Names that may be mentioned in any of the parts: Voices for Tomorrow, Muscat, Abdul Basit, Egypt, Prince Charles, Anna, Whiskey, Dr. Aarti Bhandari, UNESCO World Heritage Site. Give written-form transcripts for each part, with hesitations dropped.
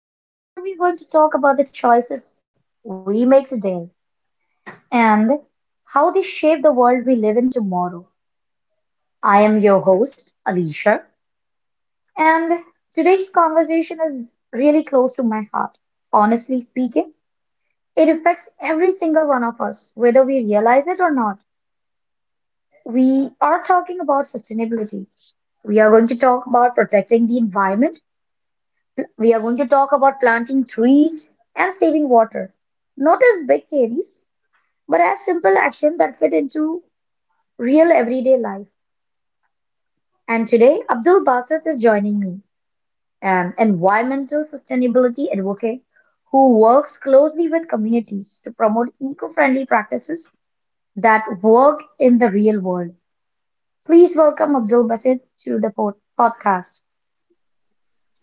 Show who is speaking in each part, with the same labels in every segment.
Speaker 1: a podcast where we're going to talk about the choices we make today and how they shape the world we live in tomorrow. I am your host, Alicia, and today's conversation is really close to my heart. Honestly speaking, it affects every single one of us, whether we realize it or not. We are talking about sustainability. We are going to talk about protecting the environment. We are going to talk about planting trees and saving water. Not as big theories, but as simple actions that fit into real everyday life. And today, Abdul Basit is joining me, an environmental sustainability advocate who works closely with communities to promote eco-friendly practices that work in the real world. Please welcome Abdul Basit to the podcast.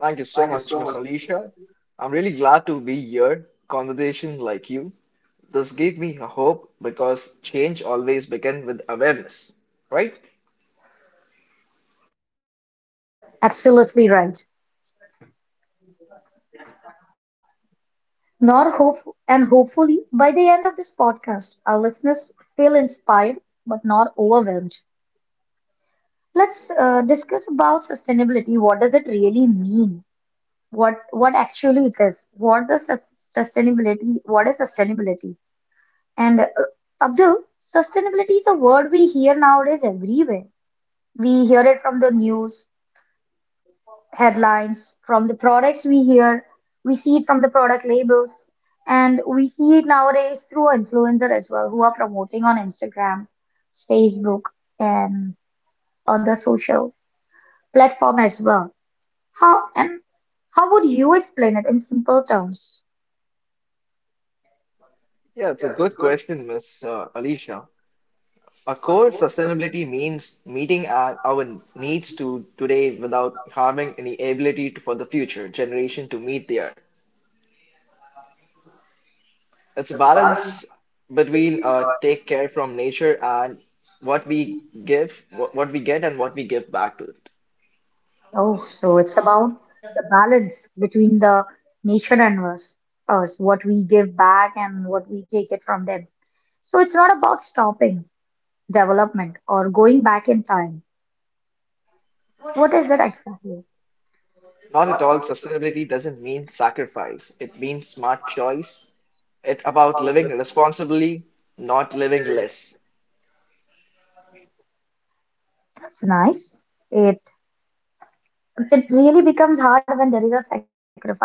Speaker 2: Thank you so much, Miss Alicia. I'm really glad to be here. Conversation like you. This gave me a hope because change always begins with awareness, right?
Speaker 1: Absolutely right. Not hope, and hopefully, by the end of this podcast, our listeners feel inspired but not overwhelmed. Let's discuss about sustainability. What does it really mean? What actually it is? What does sustainability? What is sustainability? And Abdul, sustainability is a word we hear nowadays everywhere. We hear it from the news, headlines, from the products we hear, we see it from the product labels, and we see it nowadays through influencer as well who are promoting on Instagram, Facebook, and other social platform as well. How and how would you explain it in simple terms?
Speaker 2: Yeah, it's a good question, Miss Alicia. Of course, sustainability means meeting our needs to today without harming any ability to, for the future generation to meet there. It's a balance between take care from nature and what we give, what we get, and what we give back to it.
Speaker 1: Oh, so it's about the balance between the nature and us, us, what we give back and what we take it from them. So it's not about stopping development or going back in time. What is that exactly?
Speaker 2: Not at all. Sustainability doesn't mean sacrifice. It means smart choice. It's about living responsibly, not living less.
Speaker 1: That's nice. It it really becomes hard when there is a sacrifices,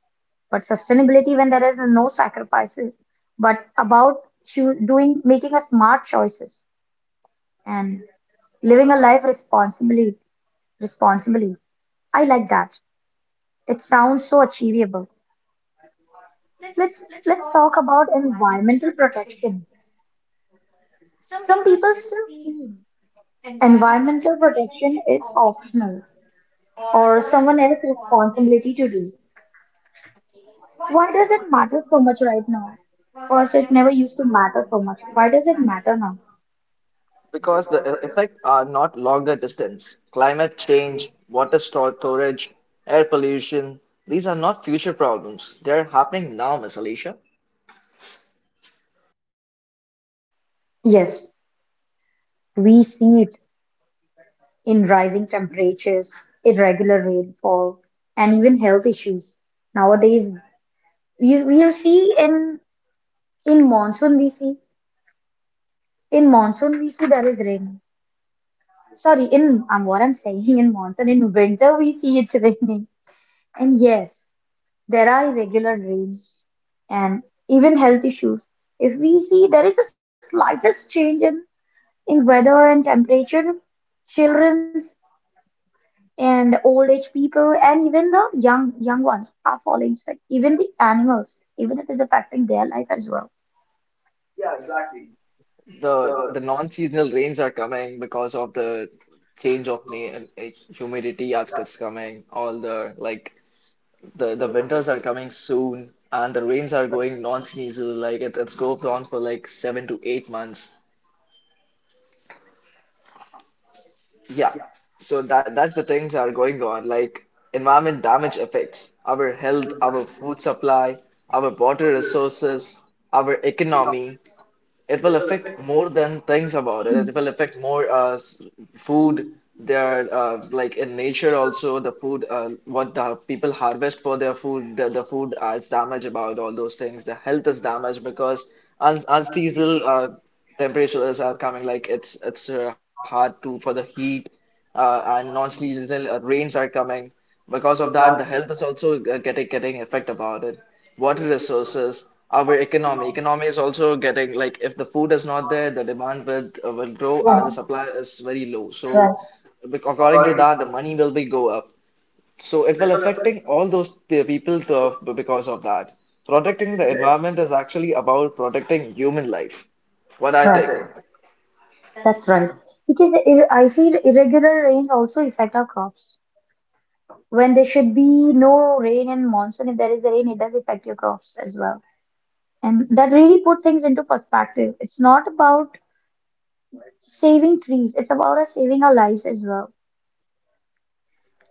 Speaker 1: but sustainability when there is no sacrifices, but about doing making a smart choices and living a life responsibly responsibly. I like that. It sounds so achievable. Let's talk about environmental protection. Some people still feel environmental protection is optional or someone else's responsibility to do. Why does it matter so much right now? First, it never used to matter so much. Why does it matter now?
Speaker 2: Because the effect are not longer distance. Climate change, storage, air pollution, these are not future problems. They're happening now, Miss Alicia.
Speaker 1: Yes, we see it in rising temperatures, irregular rainfall, and even health issues. Nowadays, we see in monsoon we see in monsoon we see there is rain. Sorry, in what I'm saying in monsoon in winter we see it's raining. And yes. There are irregular rains and even health issues. If we see there is a slightest change in weather and temperature, children's and old age people and even the young young ones are falling sick. Even the animals, even it is affecting their life as well.
Speaker 2: The non-seasonal rains are coming because of the change of humidity as it's coming, all the like The winters are coming soon, and the rains are going non-seasonal. Like it's going on for like 7 to 8 months. Yeah. So that's the things are going on. Like environment damage affects our health, our food supply, our water resources, our economy, it will affect more than things about it.
Speaker 1: Mm,
Speaker 2: It will affect more food. Their like in nature also the food what the people harvest for their food the food is damaged about all those things. The health is damaged because un unseasonal temperatures are coming like it's hard to for the heat and non-seasonal rains are coming. Because of that, the health is also getting effect about it water resources, our economy. Economy is also getting like if the food is not there, the demand will grow and the
Speaker 1: right,
Speaker 2: supply is very low. So
Speaker 1: right.
Speaker 2: according to that, the money will be go up. So it will affecting all those people because of that. Protecting the environment is actually about protecting human life. What I think.
Speaker 1: That's I see the irregular rains also affect our crops. When there should be no rain in monsoon, if there is rain, it does affect your crops as well. And that really put things into perspective. It's not about saving trees, it's about us saving our lives as well.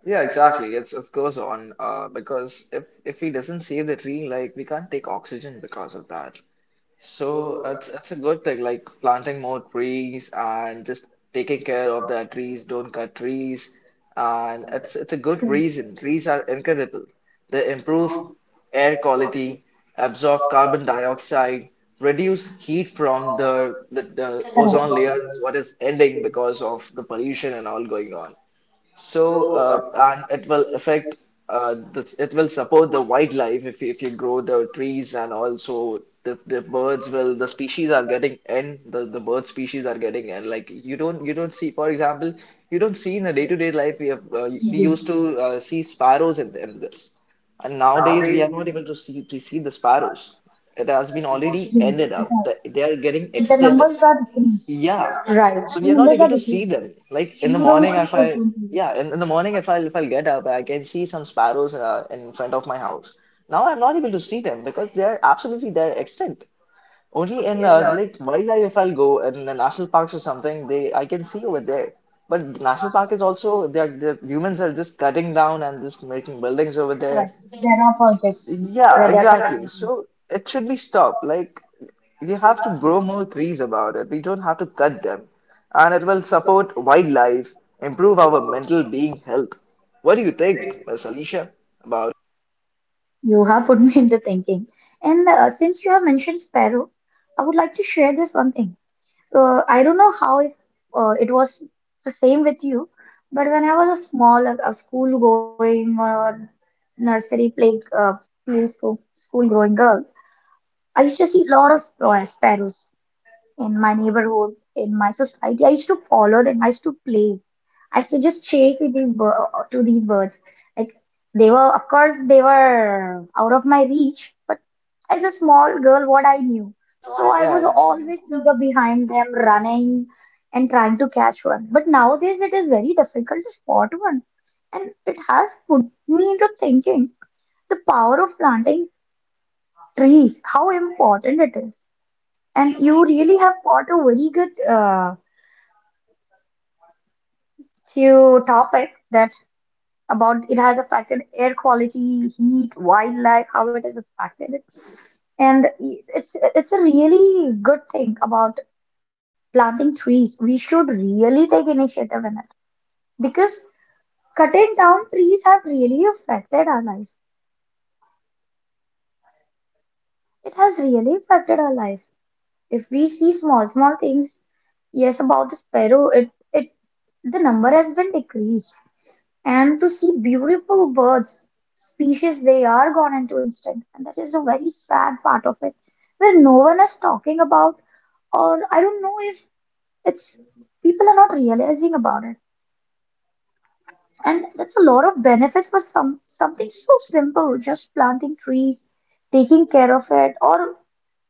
Speaker 2: Yeah, exactly. It's it goes on because if we doesn't save the tree, like we can't take oxygen because of that. So it's a good thing, like planting more trees and just taking care of the trees, don't cut trees, and it's a good reason. Trees are incredible. They improve air quality, absorb carbon dioxide, reduce heat from the ozone layer is
Speaker 1: Right.
Speaker 2: what is ending because of the pollution and all going on. So, and it will affect it will support the wildlife if if you grow the trees and also the birds will the species are getting end the bird species are getting end like you don't see for example you don't see in the day-to-day life we have we used to see sparrows in this and nowadays we are not able to see the sparrows it has been already ended
Speaker 1: The
Speaker 2: up. They are getting extended.
Speaker 1: numbers are different.
Speaker 2: Yeah.
Speaker 1: Right.
Speaker 2: So
Speaker 1: The
Speaker 2: we are not
Speaker 1: numbers
Speaker 2: able
Speaker 1: are
Speaker 2: to see
Speaker 1: different.
Speaker 2: them. Like in the
Speaker 1: You don't
Speaker 2: morning,
Speaker 1: see
Speaker 2: if I
Speaker 1: frequently.
Speaker 2: yeah, in the morning if I get up, I can see some sparrows in front of my house. Now I'm not able to see them because they are absolutely they're extinct. Only in like wildlife, if I'll go in the national parks or something, they I can see over there. But the national park is also they are, the humans are just cutting down and just making buildings over there.
Speaker 1: Correct. There are projects
Speaker 2: Yeah,
Speaker 1: where they are
Speaker 2: exactly.
Speaker 1: cutting.
Speaker 2: So it should be stopped. Like we have to grow more trees about it. We don't have to cut them, and it will support wildlife, improve our mental being health. What do you think, Miss Alicia, about?
Speaker 1: You have put me into thinking. And since you have mentioned sparrow, I would like to share this one thing. I don't know how it, it was the same with you, but when I was a small, like a school going or nursery play, play school, school growing girl, I used to see a lot of sparrows in my neighborhood, in my society. I used to follow them. I used to play. I used to just chase with these to these birds. Like they were, of course, they were out of my reach. But as a small girl, what I knew, so I
Speaker 2: Yeah,
Speaker 1: was always eager behind them, running and trying to catch one. But nowadays, it is very difficult to spot one, and it has put me into thinking the power of planting trees, how important it is. And you really have brought a very good to topic that about it has affected air quality, heat, wildlife, how it has affected it. And it's a really good thing about planting trees. We should really take initiative in it because cutting down trees have really affected our life. It has really affected our life. If we see small small things. Yes, about the sparrow, it the number has been decreased. And to see beautiful birds, species they are gone into instinct, and that is a very sad part of it, where no one is talking about, or I don't know if it's people are not realizing about it. And that's a lot of benefits for some something so simple, just planting trees, taking care of it, or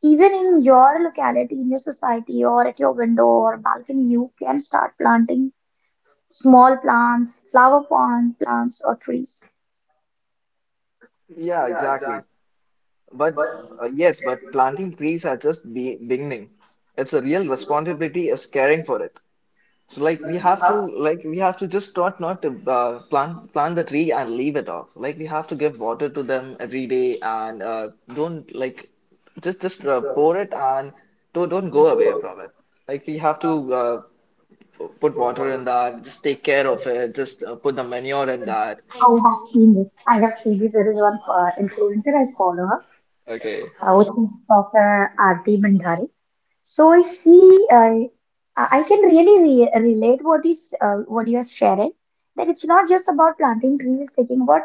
Speaker 1: even in your locality, in your society, or at your window or balcony, you can start planting small plants, flower pond plants or trees.
Speaker 2: yeah, exactly. But yes, but planting trees are just be beginning. It's a real responsibility is caring for it. So like we have to like we have to just not to plant the tree and leave it off. Like we have to give water to them every day and don't like just pour it and don't go away from it. Like we have to put water in that. Just take care of it. Just put the manure in that.
Speaker 1: Oh, I have seen this. I have seen this. There is one influencer I follow her,
Speaker 2: Okay.
Speaker 1: which is Dr. Aarti Bhandari. So I see, I can really re relate what is what you are sharing. That it's not just about planting trees, it's taking what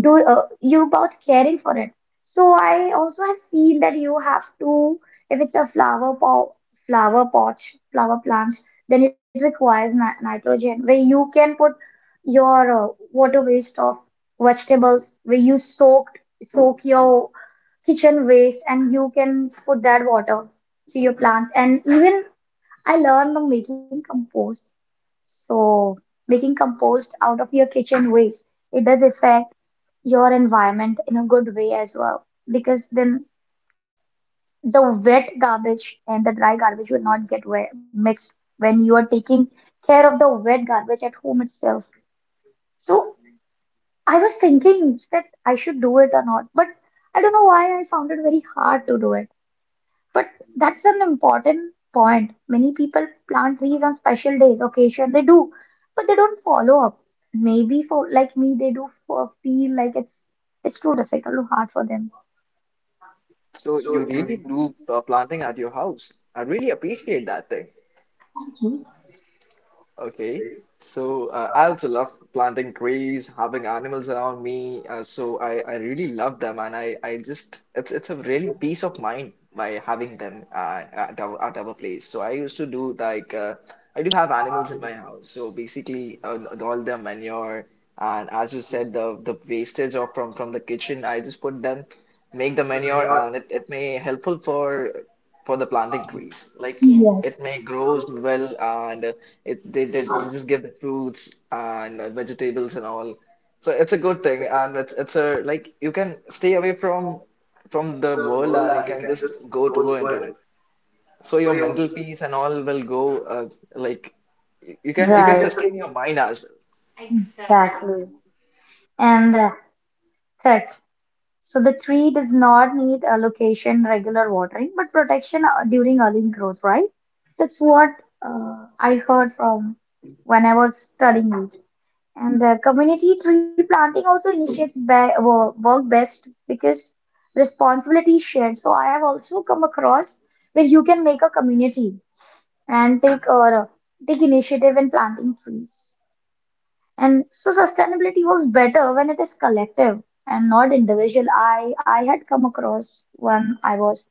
Speaker 1: do you about caring for it. So I also have seen that you have to, if it's a flower pot, flower pot, flower plant, then it requires ni nitrogen where you can put your water waste of vegetables where you soak your kitchen waste and you can put that water to your plants. And even I learned on making compost. So making compost out of your kitchen waste, it does affect your environment in a good way as well, because then the wet garbage and the dry garbage will not get mixed when you are taking care of the wet garbage at home itself. So I was thinking that I should do it or not, but I don't know why I found it very hard to do it. But that's an important point. Many people plant trees on special days, occasion they do, but they don't follow up. Maybe for like me, they do for feel like it's too difficult too hard for them.
Speaker 2: So you really do planting at your house. I really appreciate that thing. Okay. So I also love planting trees, having animals around me. So I really love them, and I just it's a really peace of mind by having them at our place. So I used to do like I do have animals in my house. So basically, all the manure and as you said, the wastage of from the kitchen, I just put them make the manure and it may helpful for the planting trees. Like Yes,
Speaker 1: Yes,
Speaker 2: it may grows well and it they just give the fruits and vegetables and all. So it's a good thing and it's a like you can stay away from the world and you can just go into it. So your mental peace and all will go uh, like you can you Right, can sustain your mind as well.
Speaker 1: exactly. And threats. So the tree does not need a location, regular watering, but protection during early growth, right? That's what I heard from when I was studying. And the community tree planting also initiates work best because responsibility is shared. So I have also come across where you can make a community and take or take initiative in planting trees. And so sustainability works better when it is collective and not individual. I had come across when I was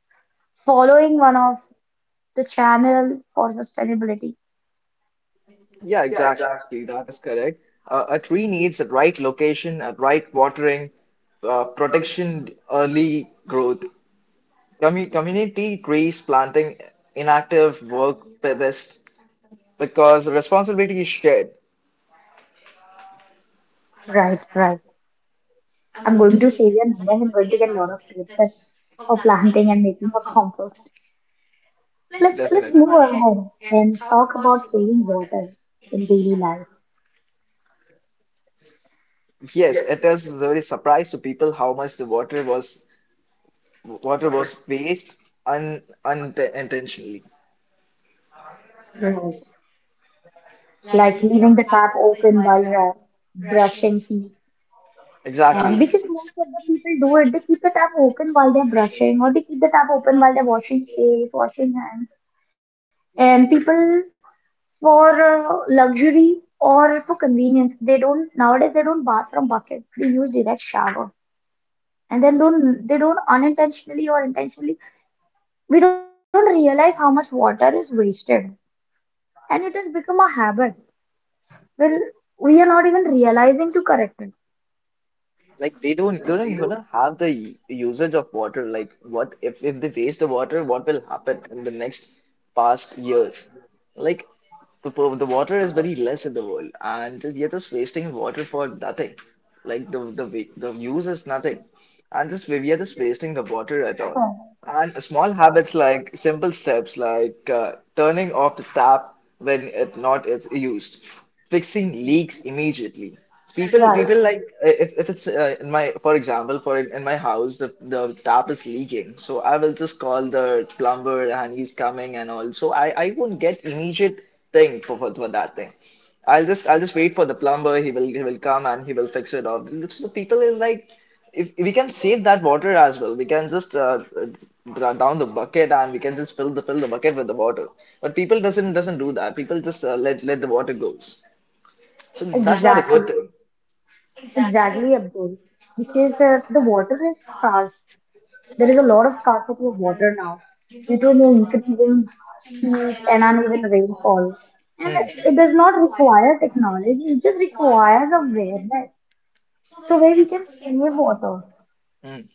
Speaker 1: following one of the channel for sustainability.
Speaker 2: Yeah, exactly. That is correct. A tree needs the right location, a right watering, protection, early growth. Community trees planting inactive work best because responsibility is shared,
Speaker 1: Right, right. I'm going to save your number. I'm going to get a lot of tips for planting and making a compost. Let's
Speaker 2: definitely.
Speaker 1: move ahead and talk about saving water in daily life.
Speaker 2: Yes, it is very surprise to people how much the water was waste unintentionally.
Speaker 1: Right. Like leaving the tap open while brushing teeth. And
Speaker 2: Exactly.
Speaker 1: exactly, because most of the people do it, they keep the tap open while they're brushing, or they keep the tap open while they're washing face, washing hands. And people for luxury or for convenience, they don't nowadays they don't bath from bucket. They use direct shower and then don't they don't unintentionally or intentionally we don't realize how much water is wasted, and it has become a habit where we are not even realizing to correct it.
Speaker 2: Like they don't even have the usage of water. Like what if they waste the water, what will happen in the next past years? Like the water is very less in the world, and we are just wasting water for nothing. Like the the use is nothing, and just we are just wasting the water at all. And small habits like simple steps like turning off the tap when it not is used, fixing leaks immediately. People
Speaker 1: Right,
Speaker 2: like if it's in my, for example, for in my house, the tap is leaking, so I will just call the plumber and he's coming and all. So I won't get immediate thing for for that thing. I'll just wait for the plumber. He will come and he will fix it off. So people is like, if we can save that water as well, we can just down the bucket and we can just fill the bucket with the water. But people doesn't do that. People just let the water goes. So that's not a
Speaker 1: exactly,
Speaker 2: good thing.
Speaker 1: exactly Abdul, because the water is scarce, there is a lot of scarcity of water now due to the increasing heat and uneven rainfall, and
Speaker 2: Mm,
Speaker 1: it does not require technology, it just requires awareness. So where we can save water,
Speaker 2: mm.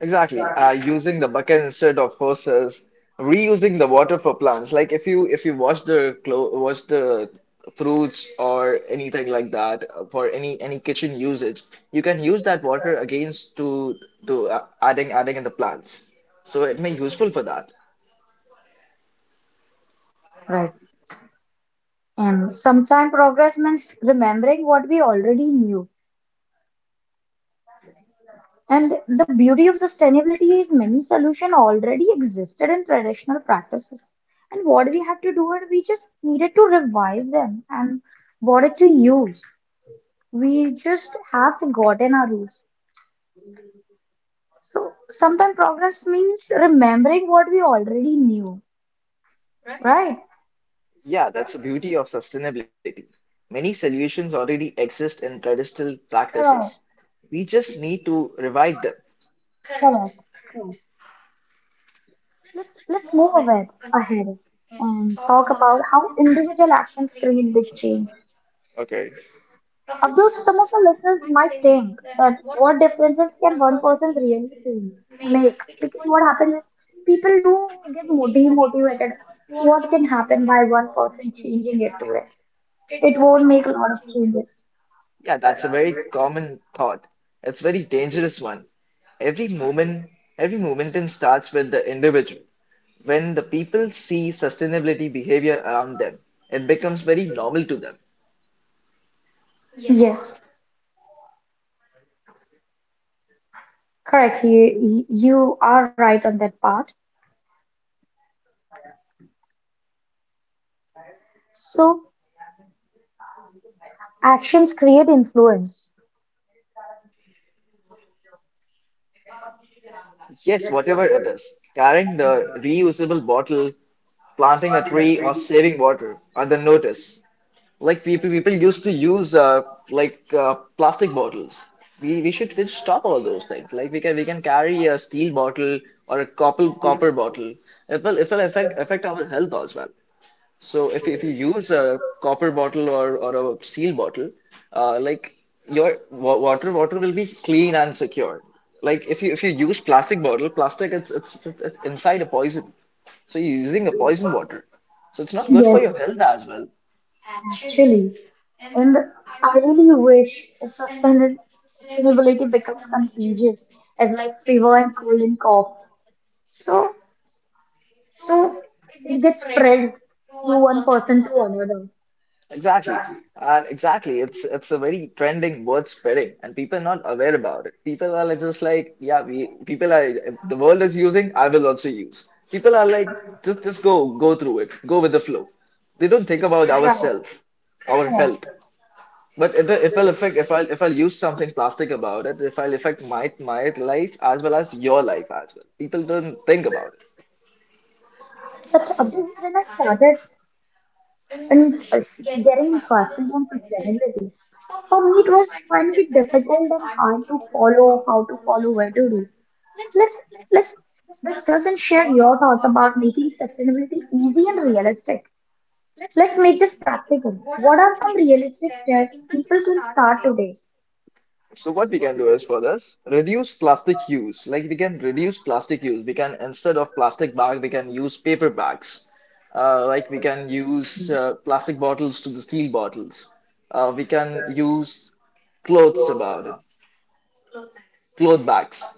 Speaker 2: Exactly. Using the bucket instead of hoses, reusing the water for plants. Like if you wash the fruits or anything like that for any kitchen usage, you can use that water against to adding in the plants. So it may useful for that.
Speaker 1: right. And sometimes progress means remembering what we already knew. And the beauty of sustainability is many solutions already existed in traditional practices. And what we have to do is we just needed to revive them and what to use. We just have forgotten our roots. So sometimes progress means remembering what we already knew, right?
Speaker 2: Yeah, that's the beauty of sustainability. Many solutions already exist in traditional practices.
Speaker 1: Correct,
Speaker 2: We just need to revive them.
Speaker 1: correct. Let's move ahead ahead and talk about how individual actions create big change.
Speaker 2: Okay.
Speaker 1: Abdul, some of the listeners might think that what differences can one person really feel, make? Because what happens is people do get demotivated. What can happen by one person changing it to it? It won't make a lot of changes.
Speaker 2: Yeah, that's a very common thought. It's a very dangerous one. Every movement, every momentum starts with the individual. When the people see sustainability behavior around them, it becomes very normal to them.
Speaker 1: Yes, correct. You are right on that part. So, actions create influence.
Speaker 2: Yes, whatever it is, carrying the reusable bottle, planting a tree, or saving water are the notice. Like people used to use like plastic bottles. We should stop all those things. Like we can carry a steel bottle or a copper bottle. It will affect our health as well. So if you use a copper bottle or a steel bottle, like your wa water water will be clean and secure. Like if you use plastic bottle, plastic it's inside a poison. So you're using a poison water. So it's not good for
Speaker 1: Yes.
Speaker 2: your health as well.
Speaker 1: Actually, and I really wish if sustainability becomes contagious as like fever and cold and cough. So, so it gets spread to one person to another.
Speaker 2: Exactly. And exactly, it's a very trending word spreading, and people are not aware about it. People are just like, yeah, we people are if the world is using, I will also use. People are like, just go through it, go with the flow. They don't think about Right,
Speaker 1: Right.
Speaker 2: ourselves, our health.
Speaker 1: Yeah.
Speaker 2: But it will affect if I if I'll use something plastic about it, if I'll affect my life as well as your life as well. People don't think about it.
Speaker 1: That's this is when I started and getting interested in sustainability. For me, it was finally difficult and hard to follow how to follow where to do. Let's let's discuss and share your thoughts about making sustainability easy and realistic. Let's make this practical. What are some realistic steps people can start today?
Speaker 2: So what we can do is for this, reduce plastic use. Like we can reduce plastic use. We can instead of plastic bag, we can use paper bags. Like we can use plastic bottles to the steel bottles. We can use clothes about it, cloth bags.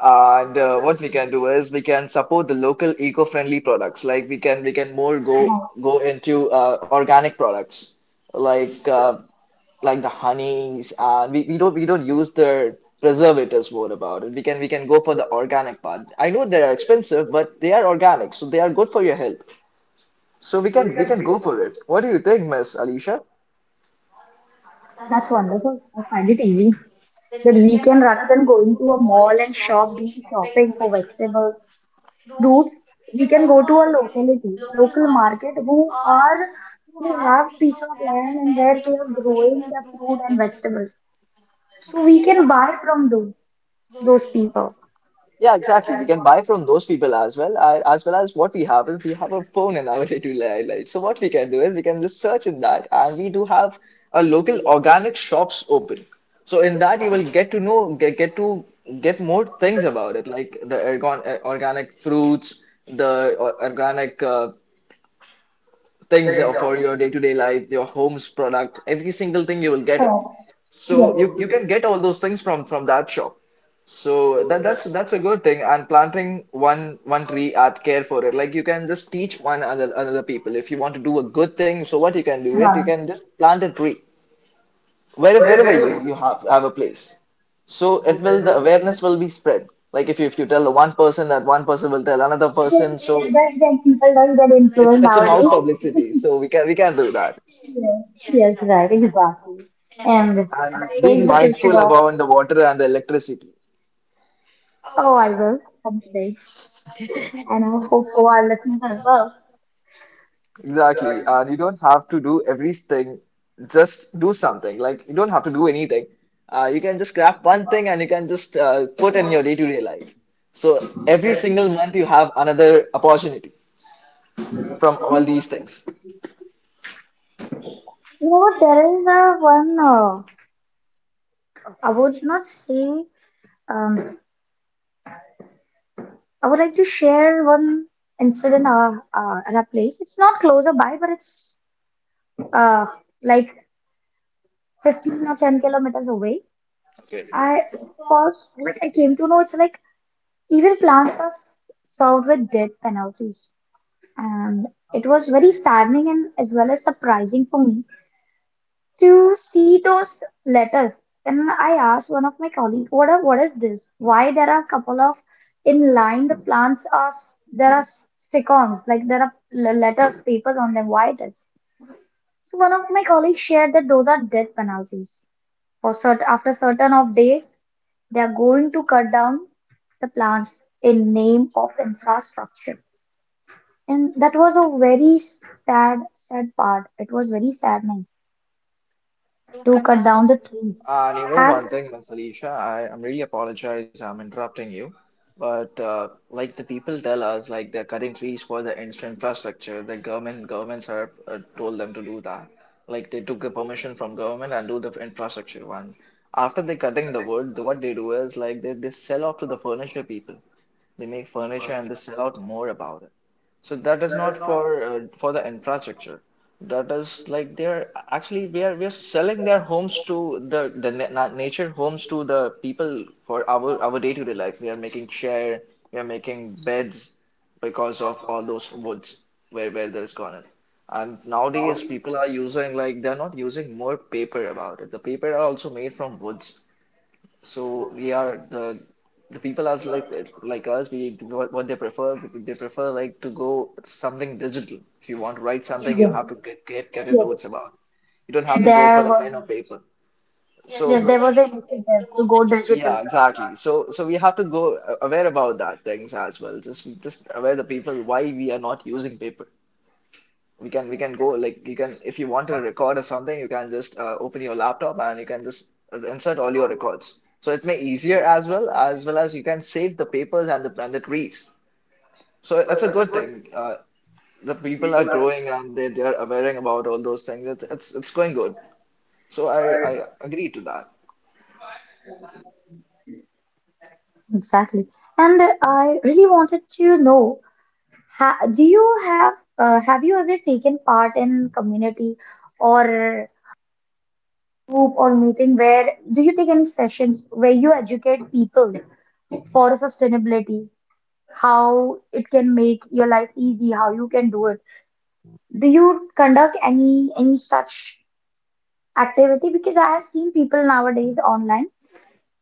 Speaker 2: And what we can do is we can support the local eco-friendly products. Like we can more go into organic products like uh, like the honeys, and we don't use the preservatives more about it. We can go for the organic part. I know they are expensive, but they are organic, so they are good for your health. So we can go for it. What do you think, Miss Alicia?
Speaker 1: That's wonderful. I find it easy that we can, rather than going to a mall and shop doing shopping for vegetables, fruits, we can go to a locality, local market who are who have piece of land and where they are growing the fruit and vegetables. So we can buy from those people.
Speaker 2: Yeah, exactly. We can buy from those people as well. I, as well as what we have is we have a phone in our day-to-day life. So what we can do is we can just search in that, and we do have a local organic shops open. So in that you will get to know get to get more things about it, like the organic fruits, the organic things for your day-to-day life, your home's product, every single thing you will get it. So
Speaker 1: So,
Speaker 2: you can get all those things from that shop. So that's a good thing. And planting one tree at care for it. Like you can just teach one other another people. If you want to do a good thing, so what you can do it, you
Speaker 1: yeah.
Speaker 2: can just plant a tree wherever you have a place. So it will the awareness will be spread. Like if you tell the one person, that one person will tell another
Speaker 1: This
Speaker 2: person. So
Speaker 1: which does get people does get
Speaker 2: it's
Speaker 1: influenced
Speaker 2: it's a
Speaker 1: now.
Speaker 2: mouth publicity. So we can do that,
Speaker 1: Yes, yes, right, exactly. And that
Speaker 2: and being
Speaker 1: takes the pressure
Speaker 2: mindful
Speaker 1: off.
Speaker 2: about the water and the electricity.
Speaker 1: Oh, I will come today, and I hope for our listeners as well.
Speaker 2: Exactly. And you don't have to do everything, just do something. Like, you don't have to do anything. You can just grab one thing and you can just put in your day-to-day life. So every single month, you have another opportunity from all these things.
Speaker 1: You know what? There is one. I would not say. Um, I would like to share one incident at a place. It's not closer by, but it's uh like 15 or 10 kilometers away. I first, like, I came to know it's like even plants are served with death penalties. And it was very saddening and as well as surprising for me to see those letters. And I asked one of my colleagues, what, are, what is this? Why there are a couple of in line the plants are there are stick-ons, like there are letters papers on them, why this?" So one of my colleagues shared that those are death penalties for certain, after certain of days they are going to cut down the plants in name of infrastructure. And that was a very sad, sad part. It was very saddening to cut down the tree.
Speaker 2: And you know
Speaker 1: Have
Speaker 2: one thing, Miss Alicia, I'm really apologize I'm interrupting you, but like the people tell us, like they're cutting trees for the infrastructure. The governments have told them to do that. Like they took the permission from government and do the infrastructure one. After they cutting the wood, the- what they do is like they sell off to the furniture people, they make furniture and they sell out more about it. So that is not for for the infrastructure. That is like they're actually we are selling their homes to the na nature homes to the people for our day-to-day life. We are making chair, we are making beds because of all those woods where there's gone in. And nowadays people are using like they're not using more paper about it. The paper are also made from woods. So we are the people are like us. We what they prefer. They prefer like to go something digital. If you want to write something, you
Speaker 1: yes,
Speaker 2: have to get the
Speaker 1: yes.
Speaker 2: notes about. You don't have to go for
Speaker 1: There
Speaker 2: the pen or
Speaker 1: was
Speaker 2: paper. So
Speaker 1: yes, there was an initiative to go digital
Speaker 2: yeah, exactly. So so we have to go aware about that things as well. Just aware the people why we are not using paper. We can go like, you can if you want to record or something you can just open your laptop and you can just insert all your records, so it may easier as well, as well as you can save the papers and the trees. So it's a good thing. The people are growing and they're aware about all those things. It's going good. So I agree to that.
Speaker 1: exactly. And I really wanted to know, ha, do you have you ever taken part in community or group or meeting where do you take any sessions where you educate people for sustainability, how it can make your life easy, how you can do it? Do you conduct any such activity? Because I have seen people nowadays online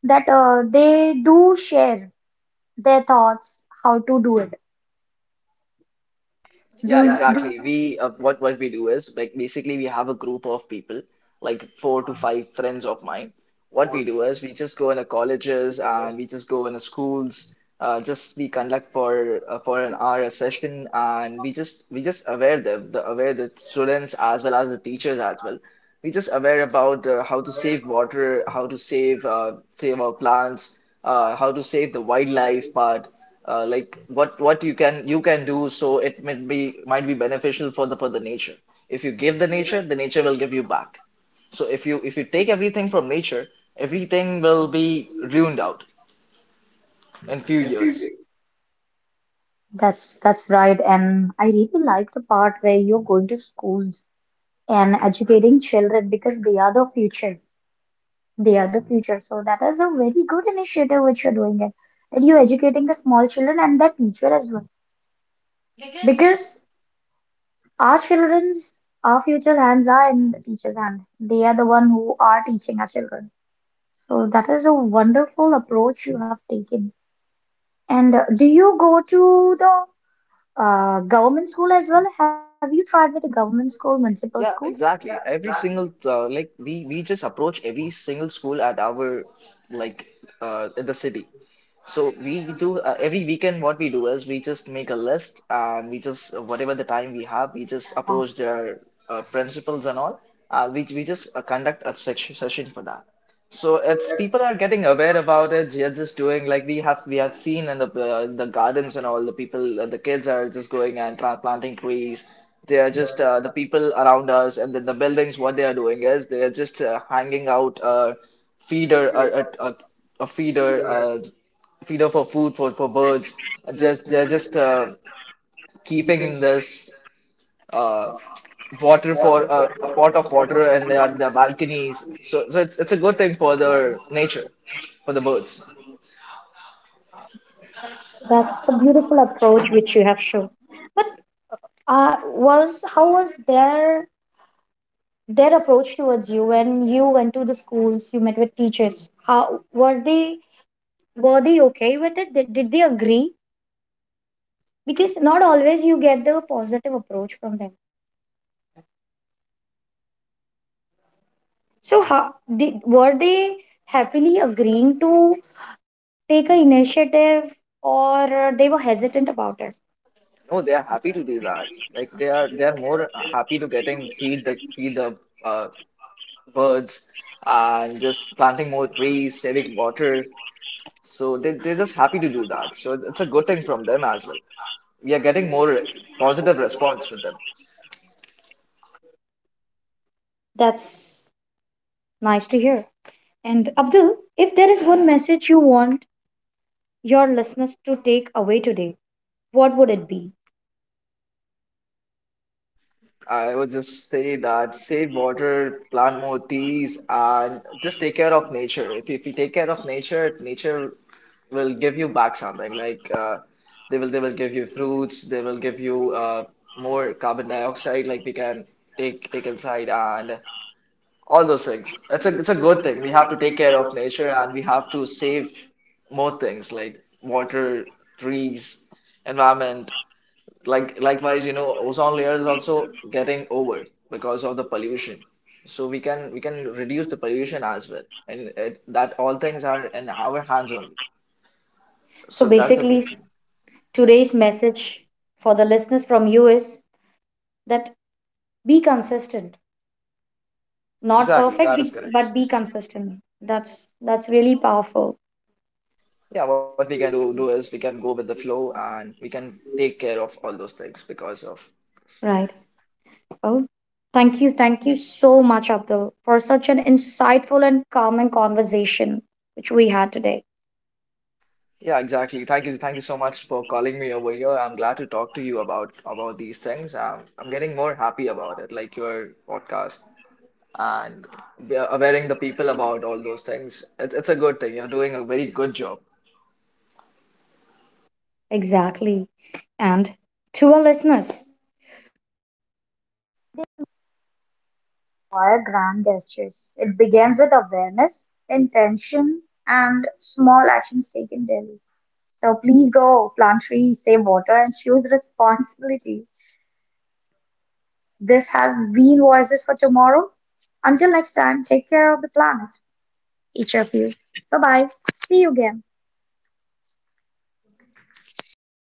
Speaker 1: that they do share their thoughts how to do it.
Speaker 2: Yeah,
Speaker 1: Do, yeah, do
Speaker 2: exactly. we What we do is like basically we have a group of people, like four to five friends of mine. What we do is we just go into colleges and we just go into schools. Just we conduct for an hour a session, and we just aware the aware the students as well as the teachers as well. We just aware about how to save water, how to save save our plants, how to save the wildlife part. Like what you can do, so it might be beneficial for the nature. If you give the nature will give you back. So if you take everything from nature, everything will be ruined out in few years.
Speaker 1: that's right. And I really like the part where you're going to schools and educating children because they are the future. They are the future. So that is a very good initiative which you're doing it. That you're educating the small children and the teacher as well. Because. Our children's, our future hands are in the teacher's hand. They are the one who are teaching our children. So that is a wonderful approach you have taken. And do you go to the government school as well? Have you tried with the government school, municipal school?
Speaker 2: Yeah, exactly. Every single like we just approach every single school at our like in the city. So we do every weekend. What we do is we just make a list and we just whatever the time we have, we just approach their principals and all. We just conduct a section session for that. So it's people are getting aware about it. They're just doing like we have seen in the gardens, and all the people the kids are just going and tra planting trees. They are just the people around us and then the buildings. What they are doing is they are just hanging out a feeder a, a, a a feeder feeder for food for birds. Just they're just keeping this uh, water for a pot of water, and they are their balconies. So it's a good thing for the nature, for the birds.
Speaker 1: That's the beautiful approach which you have shown. Was how was their approach towards you when you went to the schools? You met with teachers. How were they? Were they okay with it? Did they agree? Because not always you get the positive approach from them, so how did were they happily agreeing to take a initiative or they were hesitant about it?
Speaker 2: No, they are happy to do that. Like they are more happy to getting feed the uh, birds and just planting more trees, saving water. So they're just happy to do that. So it's a good thing from them as well. We are getting more positive response with them.
Speaker 1: That's nice to hear. And Abdul, if there is one message you want your listeners to take away today, what would it be?
Speaker 2: I would just say that save water, plant more trees, and just take care of nature. If you take care of nature, nature will give you back something. Like they will give you fruits, they will give you more carbon dioxide. Like we can take inside and all those things. It's a good thing. We have to take care of nature and we have to save more things like water, trees, environment. Like likewise, you know, ozone layer is also getting over because of the pollution. So we can reduce the pollution as well, and that all things are in our hands only.
Speaker 1: So
Speaker 2: So that's the main
Speaker 1: basically,
Speaker 2: thing.
Speaker 1: today's message for the listeners from you is that be consistent, not
Speaker 2: Exactly,
Speaker 1: perfect,
Speaker 2: that is correct.
Speaker 1: but be consistent. that's that's really powerful.
Speaker 2: Yeah, what we can do is we can go with the flow and we can take care of all those things because of
Speaker 1: Right. Well, thank you. Thank you so much, Abdul, for such an insightful and calming conversation which we had today.
Speaker 2: yeah, exactly. Thank you, so much for calling me over here. I'm glad to talk to you about these things. I'm getting more happy about it, like your podcast, and we are awareing the people about all those things. It's a good thing. You're doing a very good job.
Speaker 1: Exactly. And to our listeners, require grand gestures. It begins with awareness, intention, and small actions taken daily. So please go plant trees, save water, and choose responsibility. This has been Voices for Tomorrow. Until next time, take care of the planet, each of you. Bye bye. See you again.
Speaker 2: Bye.